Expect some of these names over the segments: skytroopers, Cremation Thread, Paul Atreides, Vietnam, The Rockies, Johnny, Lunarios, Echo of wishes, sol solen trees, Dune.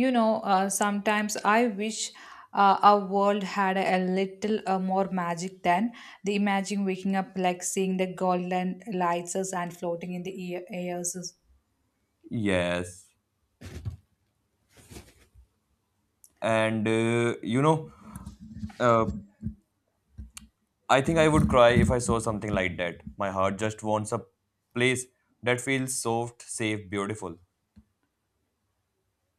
Sometimes I wish our world had a little more magic than the imagine waking up, like seeing the golden lights and floating in the airs. Yes. And uh, I think I would cry if I saw something like that. My heart just wants a place that feels soft, safe, beautiful.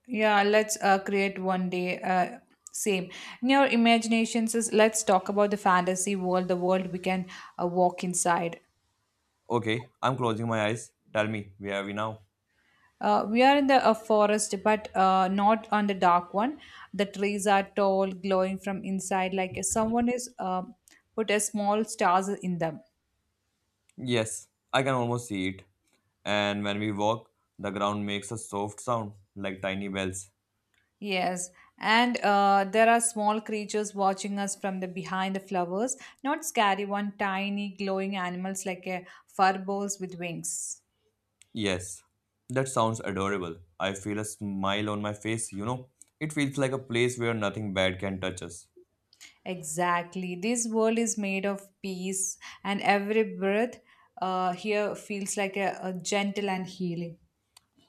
Yeah, let's create one day, same in your imaginations. Let's talk about the fantasy world, the world we can walk inside. Okay, I'm closing my eyes. Tell me, where are we now? We are in the forest, but not on the dark one. The trees are tall, glowing from inside, like someone is put a small stars in them. Yes, I can almost see it. And when we walk, the ground makes a soft sound like tiny bells. Yes, and there are small creatures watching us from the behind the flowers. Not scary one, tiny glowing animals like a fur balls with wings. Yes, that sounds adorable. I feel a smile on my face. It feels like a place where nothing bad can touch us. Exactly, this world is made of peace, and every breath here feels like a gentle and healing.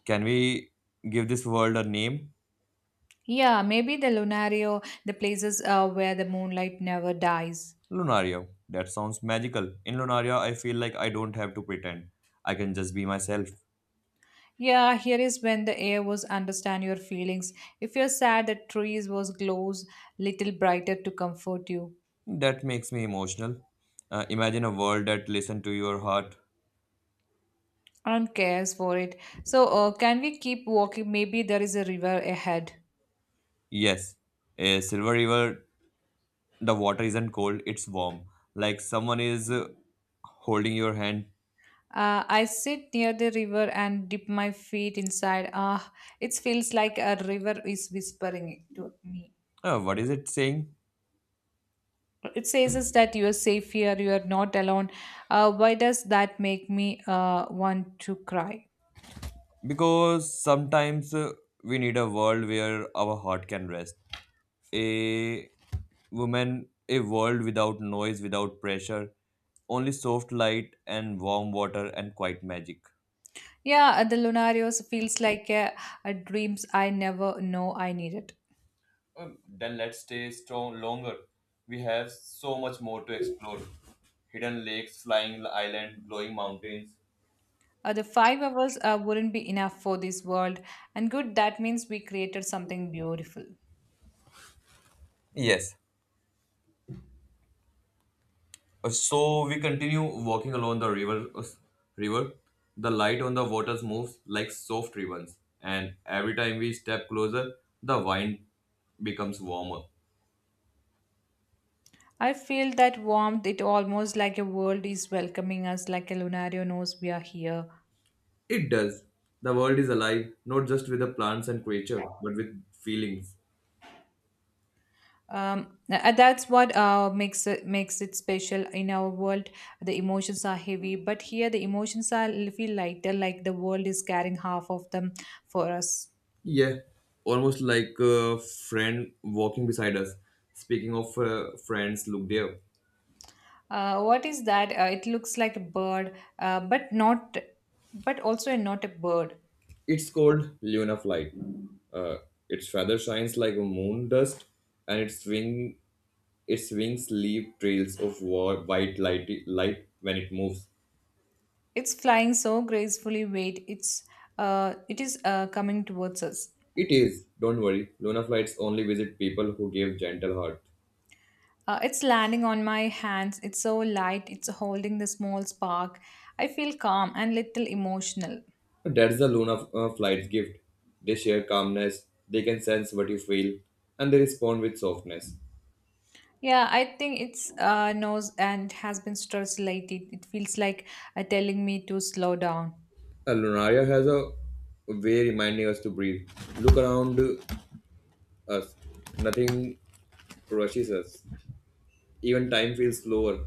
Can we give this world a name? Yeah, maybe the Lunario, the places where the moonlight never dies. Lunaria. That sounds magical. In Lunaria, I feel like I don't have to pretend. I can just be myself. Yeah, here is when the air was understand your feelings. If you're sad, the trees was glows little brighter to comfort you. That makes me emotional. Imagine a world that listens to your heart. I don't cares for it. So can we keep walking? Maybe there is a river ahead. Yes, a silver river, the water isn't cold, it's warm. Like someone is holding your hand. I sit near the river and dip my feet inside. Ah, it feels like a river is whispering to me. What is it saying? It says is that you are safe here, you are not alone. Why does that make me want to cry? Because sometimes we need a world where our heart can rest. A woman, a world without noise, without pressure. Only soft light and warm water and quiet magic. Yeah, the lunarios feels like a dreams I never know I needed. Then let's stay strong longer. We have so much more to explore. Hidden lakes, flying island, glowing mountains. The 5 hours wouldn't be enough for this world, and good that means we created something beautiful. Yes. So we continue walking along the river. River. The light on the waters moves like soft ribbons, and every time we step closer, the wine becomes warmer. I feel that warmth, it almost like a world is welcoming us, like a Lunario knows we are here. It does. The world is alive, not just with the plants and creatures, but with feelings. That's what makes it special in our world. The emotions are heavy, but here the emotions are feel lighter, like the world is carrying half of them for us. Yeah, almost like a friend walking beside us. Speaking of friends, look there. What is that? It looks like a bird, but also not a bird. It's called Luna Flight. Uh, its feather shines like a moon dust, and its wings leave trails of white light when it moves. It's flying so gracefully. Wait, it is coming towards us. It is. Don't worry. Luna flights only visit people who give gentle heart. It's landing on my hands. It's so light. It's holding the small spark. I feel calm and little emotional. That's the Luna flight's gift. They share calmness. They can sense what you feel, and they respond with softness. Yeah, I think it's knows and has been stress related. It feels like telling me to slow down. Lunaria has a way reminding us to breathe. Look around us. Nothing rushes us. Even time feels slower.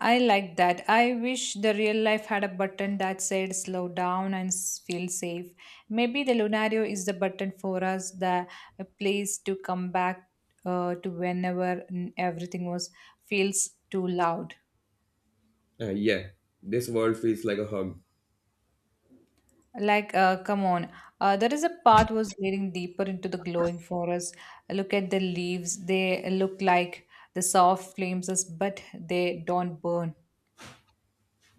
I like that. I wish the real life had a button that said slow down and feel safe. Maybe the Lunario is the button for us, the a place to come back to whenever everything was feels too loud. Yeah, this world feels like a hug. Like, come on. There is a path was leading deeper into the glowing forest. Look at the leaves. They look like the soft flames, but they don't burn.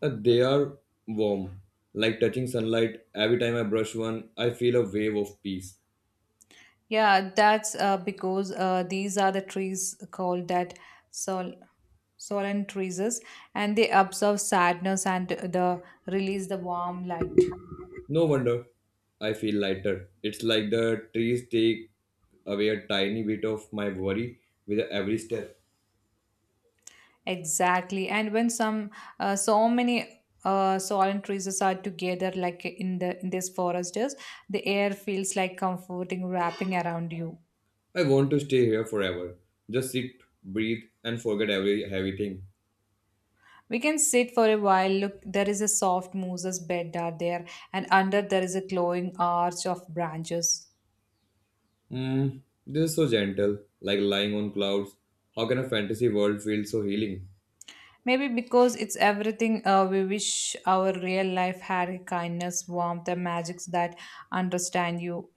They are warm, like touching sunlight. Every time I brush one, I feel a wave of peace. Yeah, that's because these are the trees called that sol solen trees, and they absorb sadness and the release the warm light. No wonder I feel lighter. It's like the trees take away a tiny bit of my worry with every step. Exactly. And when some so many solemn trees are together, like in these forests, the air feels like comforting wrapping around you. I want to stay here forever. Just sit, breathe, and forget every heavy thing. We can sit for a while. Look, there is a soft moose's bed are there, and under there is a glowing arch of branches. Mm, this is so gentle, like lying on clouds. How can a fantasy world feel so healing? Maybe because it's everything we wish our real life had kindness, warmth, and magics that understand you.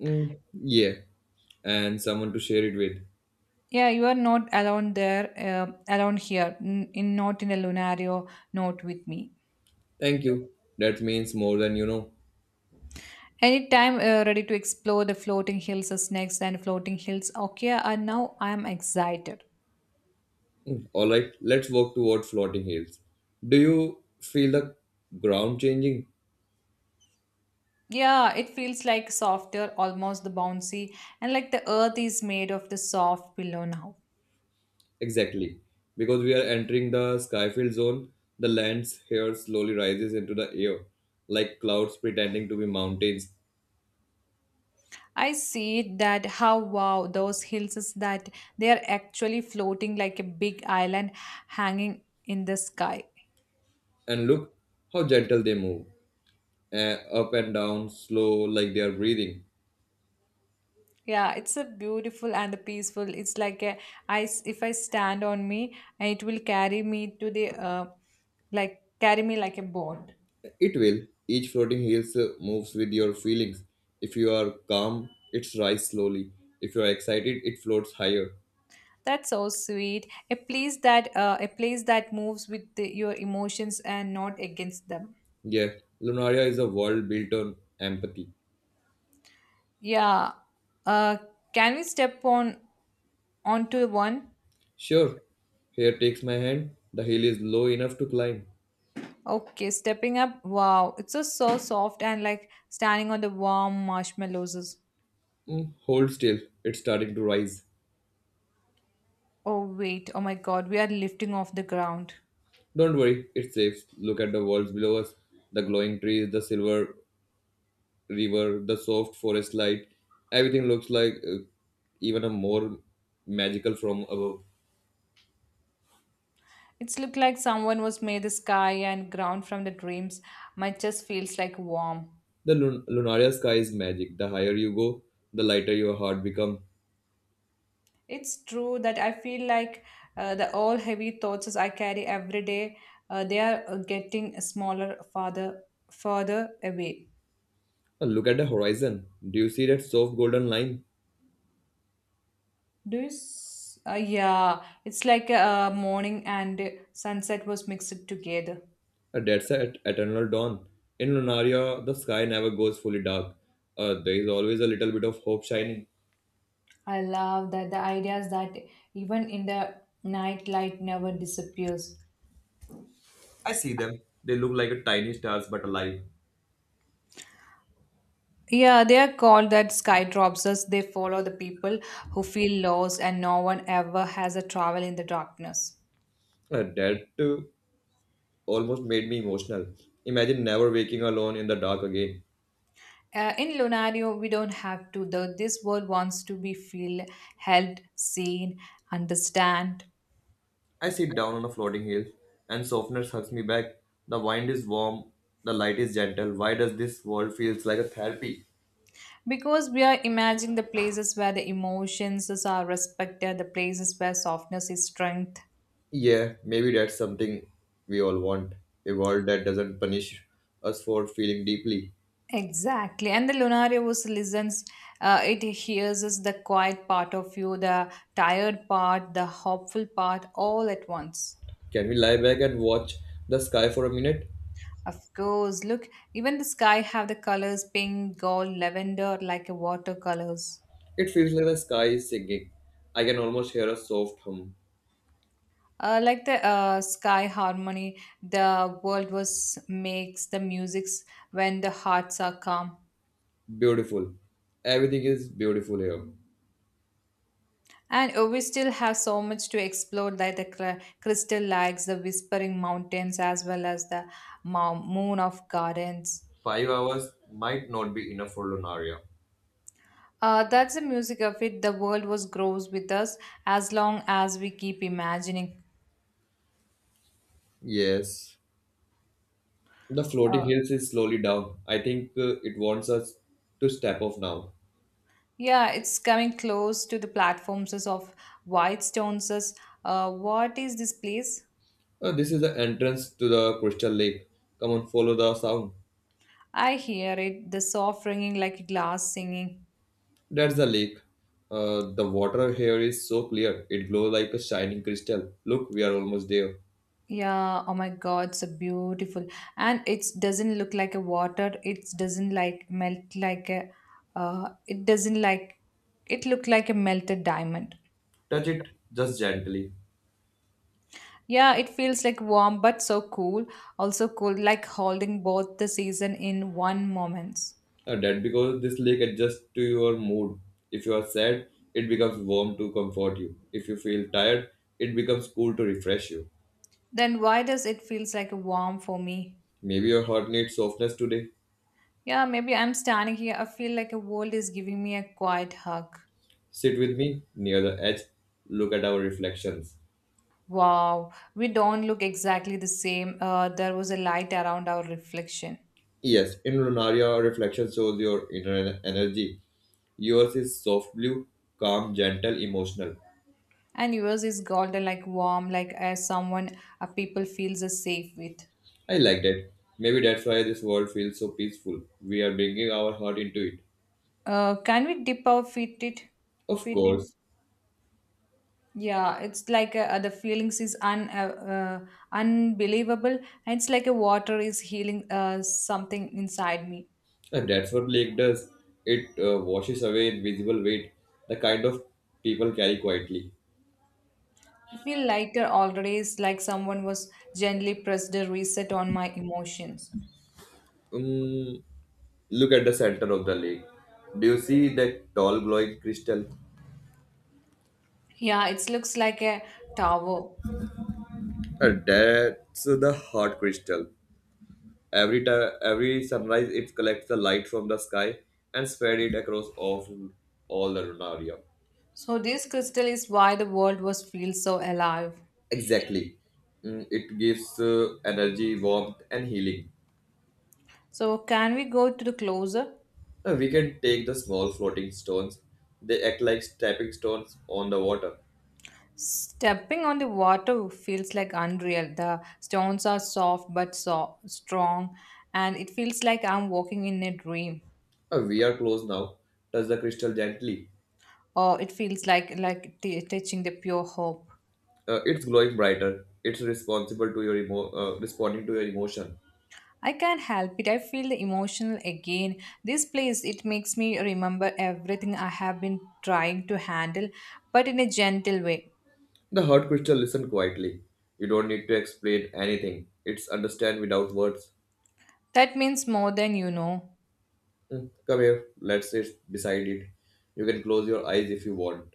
Mm, yeah, and someone to share it with. Yeah, you are not alone there, alone here, n- in not in a Lunario, not with me. Thank you. That means more than you know. Anytime ready to explore the floating hills as next and floating hills. Okay, and now I am excited. All right, let's walk toward floating hills. Do you feel the ground changing? Yeah, it feels like softer, almost the bouncy, and like the earth is made of the soft pillow now. Exactly, because we are entering the skyfield zone. The lands here slowly rises into the air, like clouds pretending to be mountains. I see that, how wow those hills is that they are actually floating like a big island hanging in the sky. And look how gentle they move, up and down, slow, like they are breathing. Yeah, it's a beautiful and a peaceful. It's like if I stand on me and it will carry me to the like carry me like a boat. It will. Each floating hills moves with your feelings. If you are calm, it rises slowly. If you are excited, it floats higher. That's so sweet. A place that moves with your emotions and not against them. Yeah, Lunaria is a world built on empathy. Yeah. Uh, can we step on onto one? Sure, here takes my hand. The hill is low enough to climb. Okay, stepping up. Wow, it's just so soft and like standing on the warm marshmallows. Hold still, it's starting to rise. Oh, wait, oh my God, we are lifting off the ground. Don't worry, it's safe. Look at the walls below us, the glowing trees, the silver river, the soft forest light. Everything looks like even a more magical from above. It's looked like someone was made the sky and ground from the dreams. My chest feels like warm. The Lunaria sky is magic. The higher you go, the lighter your heart becomes. It's true that I feel like the all heavy thoughts as I carry every day, they are getting smaller, further away. Look at the horizon. Do you see that soft golden line? Do you? Yeah, it's like morning and sunset was mixed together. That's at eternal dawn. In Lunaria, the sky never goes fully dark. There is always a little bit of hope shining. I love that the ideas that even in the night light never disappears. I see them. They look like a tiny stars but alive. Yeah, they are called that skytroopers. They follow the people who feel lost, and no one ever has a travel in the darkness. That almost made me emotional. Imagine never waking alone in the dark again. In Lunario, we don't have to. The This world wants to be feel held, seen, understand. I sit down on a floating hill, and softness hugs me back. The wind is warm, the light is gentle. Why does this world feels like a therapy? Because we are imagining the places where the emotions are respected, the places where softness is strength. Yeah, maybe that's something we all want. A world that doesn't punish us for feeling deeply. Exactly. And the Lunarius listens, it hears us the quiet part of you, the tired part, the hopeful part, all at once. Can we lie back and watch the sky for a minute? Of course, look, even the sky have the colors pink, gold, lavender, like a watercolors. It feels like the sky is singing. I can almost hear a soft hum. Like the sky harmony, the world was makes the musics when the hearts are calm. Beautiful. Everything is beautiful here. And we still have so much to explore, like the crystal lakes, the whispering mountains, as well as the moon of gardens. 5 hours might not be enough for Lunaria. That's the music of it. The world was grows with us as long as we keep imagining. Yes, the floating Uh, hills is slowly down. I think it wants us to step off now. yeah, it's coming close to the platforms of white stones. What is this place? This is the entrance to the crystal lake. Come on, follow the sound. I hear it, the soft ringing like glass singing. That's the lake. The water here is so clear. It glows like a shining crystal. Look, we are almost there. Yeah, oh my god, so beautiful. And it doesn't look like a water. It doesn't like melt like a it doesn't like it look like a melted diamond. Touch it just gently. Yeah, it feels like warm but so cool. Also cool like holding both the season in one moment. That because this lake adjusts to your mood. If you are sad, it becomes warm to comfort you. If you feel tired, it becomes cool to refresh you. Then why does it feels like warm for me? Maybe your heart needs softness today. Yeah, maybe I'm standing here. I feel like a world is giving me a quiet hug. Sit with me near the edge. Look at our reflections. Wow, we don't look exactly the same. There was a light around our reflection. Yes, in Lunaria, our reflection shows your inner energy. Yours is soft blue, calm, gentle, emotional. And yours is golden, like warm, like as someone a people feels safe with. I like that. Maybe that's why this world feels so peaceful. We are bringing our heart into it. Can we dip our feet it, Of feet in? course, Yeah, it's like the feelings is un unbelievable, and it's like a water is healing something inside me. and that's what lake does. It washes away invisible weight, the kind of people carry quietly. I feel lighter already. It's like someone was gently pressed a reset on my emotions. Um, Look at the center of the lake. Do you see that tall glowing crystal? Yeah, it looks like a tower. That's the heart crystal. Every time, every sunrise, it collects the light from the sky and spread it across all the Lunaria. So this crystal is why the world was feels so alive. Exactly. It gives energy, warmth, and healing. So, can we go to the closer? We can take the small floating stones. They act like stepping stones on the water. Stepping on the water feels like unreal. The stones are soft but so strong, and it feels like I'm walking in a dream, We are close now. Touch the crystal gently. or it feels like touching the pure hope. It's glowing brighter. It's responsible to your emo- responding to your emotion. I can't help it. I feel the emotional again. This place it makes me remember everything I have been trying to handle, but in a gentle way. The hard crystal listened quietly. You don't need to explain anything. It's understand without words. That means more than you know. Hmm, come here, let's sit beside it. You can close your eyes if you want.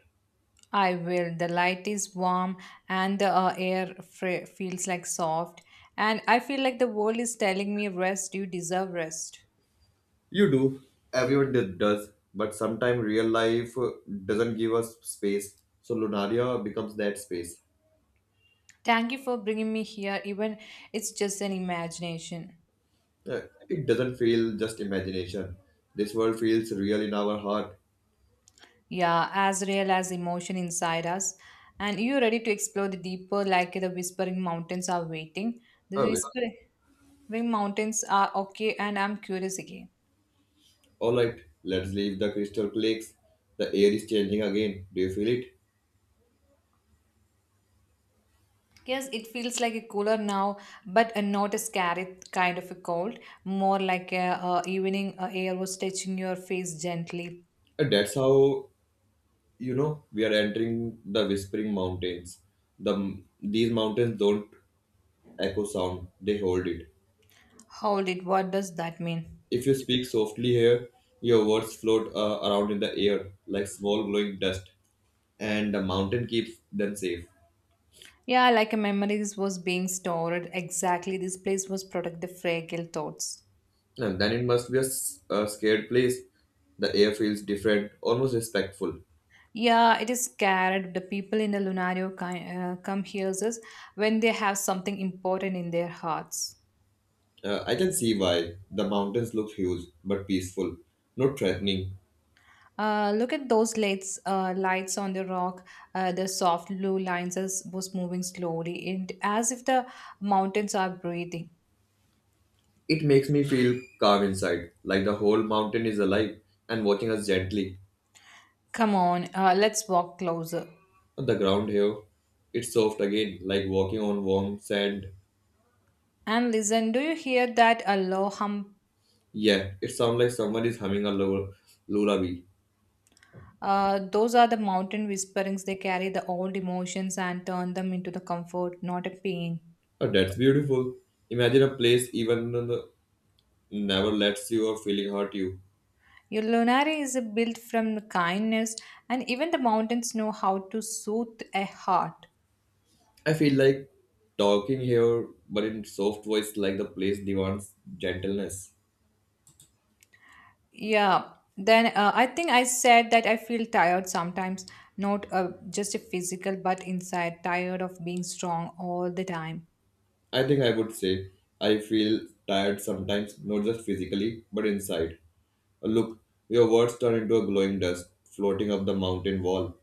I will. The light is warm and the air feels like soft. And I feel like the world is telling me, rest, you deserve rest. You do. Everyone does. But sometimes real life doesn't give us space. So Lunaria becomes that space. Thank you for bringing me here, even it's just an imagination. Uh, It doesn't feel just imagination. This world feels real in our heart. Yeah, as real as emotion inside us. And you ready to explore the deeper, like the whispering mountains are waiting. The Okay. whispering mountains are okay, and I'm curious again. Alright, let's leave the crystal clicks. The air is changing again. Do you feel it? Yes, it feels like a cooler now, but not a scary kind of a cold. More like a evening air was touching your face gently. And that's how you know we are entering the whispering mountains. the these mountains don't echo sound, they hold it. Hold it. What does that mean? If you speak softly here, your words float around in the air like small glowing dust, and the mountain keeps them safe. Yeah, like a memories was being stored. Exactly, this place was protect the fragile thoughts. And then it must be a scared place. The air feels different, almost respectful. Yeah, it is scared. The people in the Lunario come hears us when they have something important in their hearts. I can see why the mountains look huge but peaceful, not threatening. Look at lights on the rock. The soft blue lines as was moving slowly, and as if the mountains are breathing. It makes me feel calm inside, like the whole mountain is alive and watching us gently. Come on, let's walk closer On the ground here, it's soft again, like walking on warm sand. and listen. Do you hear that a low hum? Yeah, it sounds like someone is humming a lullaby. Those are the mountain whisperings. They carry the old emotions and turn them into the comfort, not a pain. Oh, that's beautiful. Imagine a place even never lets you or feeling hurt you. Your Lunari is built from kindness, and even the mountains know how to soothe a heart. I feel like talking here, but in soft voice, like the place demands gentleness. Yeah. Then I think I said that I feel tired sometimes, not just a physical, but inside, tired of being strong all the time. I think I would say I feel tired sometimes, not just physically, but inside. Look, your words turn into a glowing dust floating up the mountain wall.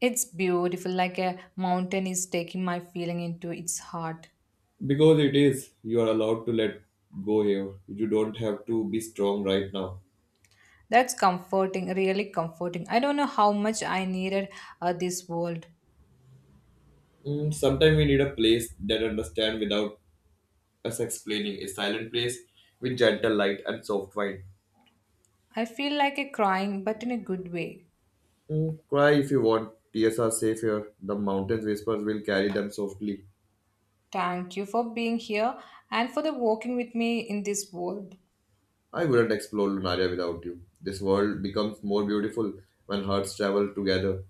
It's beautiful, like a mountain is taking my feeling into its heart. Because it is, you are allowed to let go here. You don't have to be strong right now. That's comforting, really comforting. I don't know how much I needed this world. Sometimes we need a place that understands without us explaining. A silent place with gentle light and soft wine. I feel like a crying, but in a good way. Cry if you want. Tears are safe here. The mountain's whispers will carry them softly. Thank you for being here and for the walking with me in this world. I wouldn't explore Lunaria without you. This world becomes more beautiful when hearts travel together.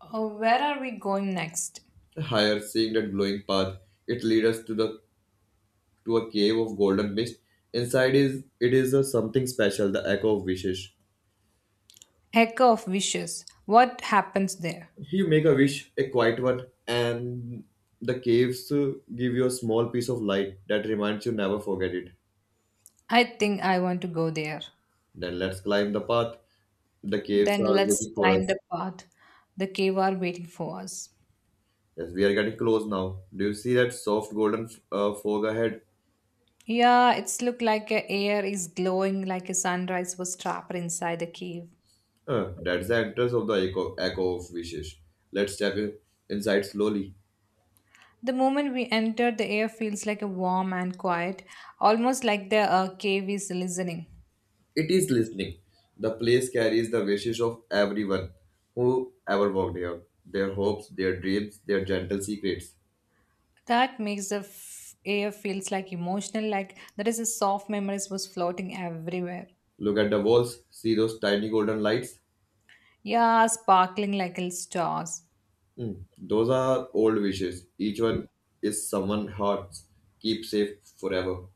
Oh, where are we going next? Higher, seeing that glowing path, it leads us to the to a cave of golden mist. Inside is it is a something special, the echo of wishes. Echo of wishes. What happens there? You make a wish, a quiet one, and the caves give you a small piece of light that reminds you never forget it. I think I want to go there. Then let's climb the path. The caves Then are let's waiting for climb us. the path. The cave are waiting for us. Yes, we are getting close now. Do you see that soft golden fog ahead? Yeah, it's look like a air is glowing like a sunrise was trapped inside the cave. That's the entrance of the echo of wishes. Let's step inside slowly. The moment we enter, the air feels like a warm and quiet, almost like the cave is listening. It is listening. The place carries the wishes of everyone who ever walked here. Their hopes, their dreams, their gentle secrets. That makes the air feels like emotional, like there is a soft memories was floating everywhere. Look at the walls. See those tiny golden lights? Yeah, sparkling like little stars. Hmm, Those are old wishes. Each one is someone's hearts. Keep safe forever.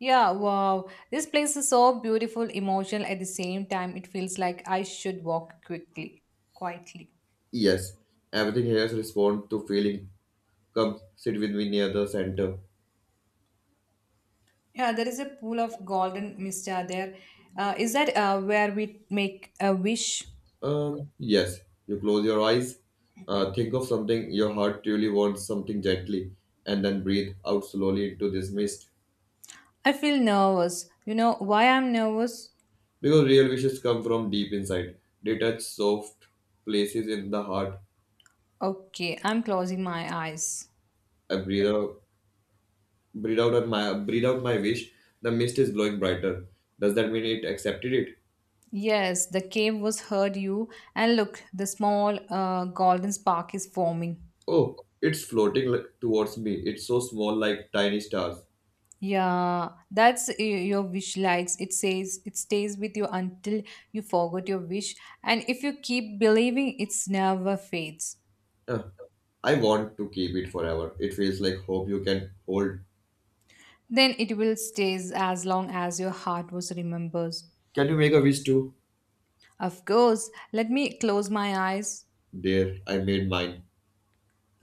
Yeah, wow. This place is so beautiful, emotional at the same time. It feels like I should walk quietly. Yes, everything here responds to feeling. Come, sit with me near the center. Yeah, there is a pool of golden mista there. Is that where we make a wish? Yes, you close your eyes, think of something your heart truly wants, something gently, and then breathe out slowly into this mist. I feel nervous. You know why I'm nervous? Because real wishes come from deep inside. They touch soft places in the heart. Okay, I'm closing my eyes. I breathe out, breathe out my wish. The mist is glowing brighter. Does that mean it accepted it? Yes, the cave was heard you, and look, the small golden spark is forming. Oh, it's floating towards me. It's so small, like tiny stars. Yeah, that's your wish likes. It says it stays with you until you forget your wish. And if you keep believing it's never fades, Huh. I want to keep it forever. It feels like hope you can hold. then it will stays as long as your heart was remembers. Can you make a wish too? Of course, let me close my eyes. There, I made mine.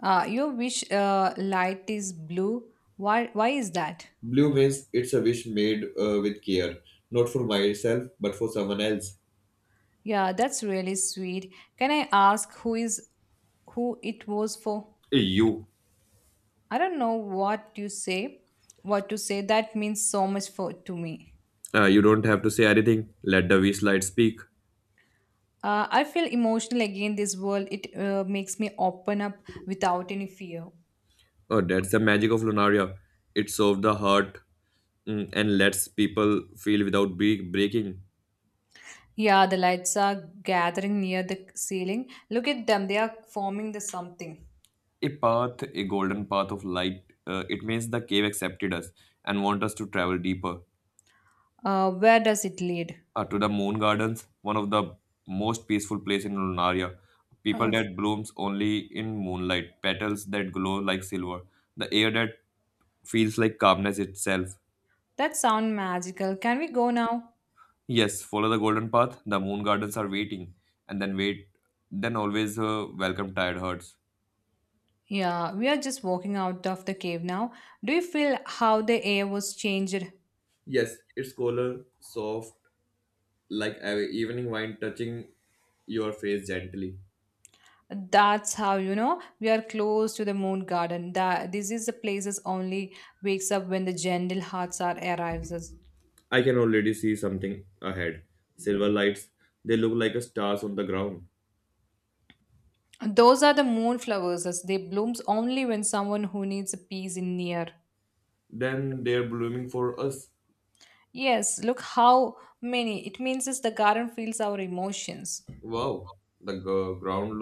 Your wish light is blue. Why is that? Blue means it's a wish made with care, not for myself, but for someone else. Yeah, that's really sweet. Can I ask who it was for? You. I don't know what you say, what to say. That means so much for to me. You don't have to say anything. Let the wish light speak. I feel emotional again. This world it makes me open up without any fear. Oh, that's the magic of Lunaria. It serves the heart, and lets people feel without breaking. Yeah, the lights are gathering near the ceiling. Look at them; they are forming the something. A path, a golden path of light. It means the cave accepted us and want us to travel deeper. Where does it lead? To the moon gardens, one of the most peaceful place in Lunaria. People Uh, that blooms only in moonlight, petals that glow like silver, the air that feels like calmness itself. that sound magical. Can we go now? Yes, follow the golden path. The moon gardens are waiting, and then wait, then always welcome tired hearts. Yeah, we are just walking out of the cave now. Do you feel how the air was changed? Yes, it's color soft, like a evening wine touching your face gently. That's how you know we are close to the moon garden, that this is the places only wakes up when the gentle hearts are arrives. I can already see something ahead. Silver lights, they look like stars on the ground. Those are the moon flowers as they blooms only when someone who needs a peace in near. Then they're blooming for us. Yes, look how many it means is the garden feels our emotions. Wow, the ground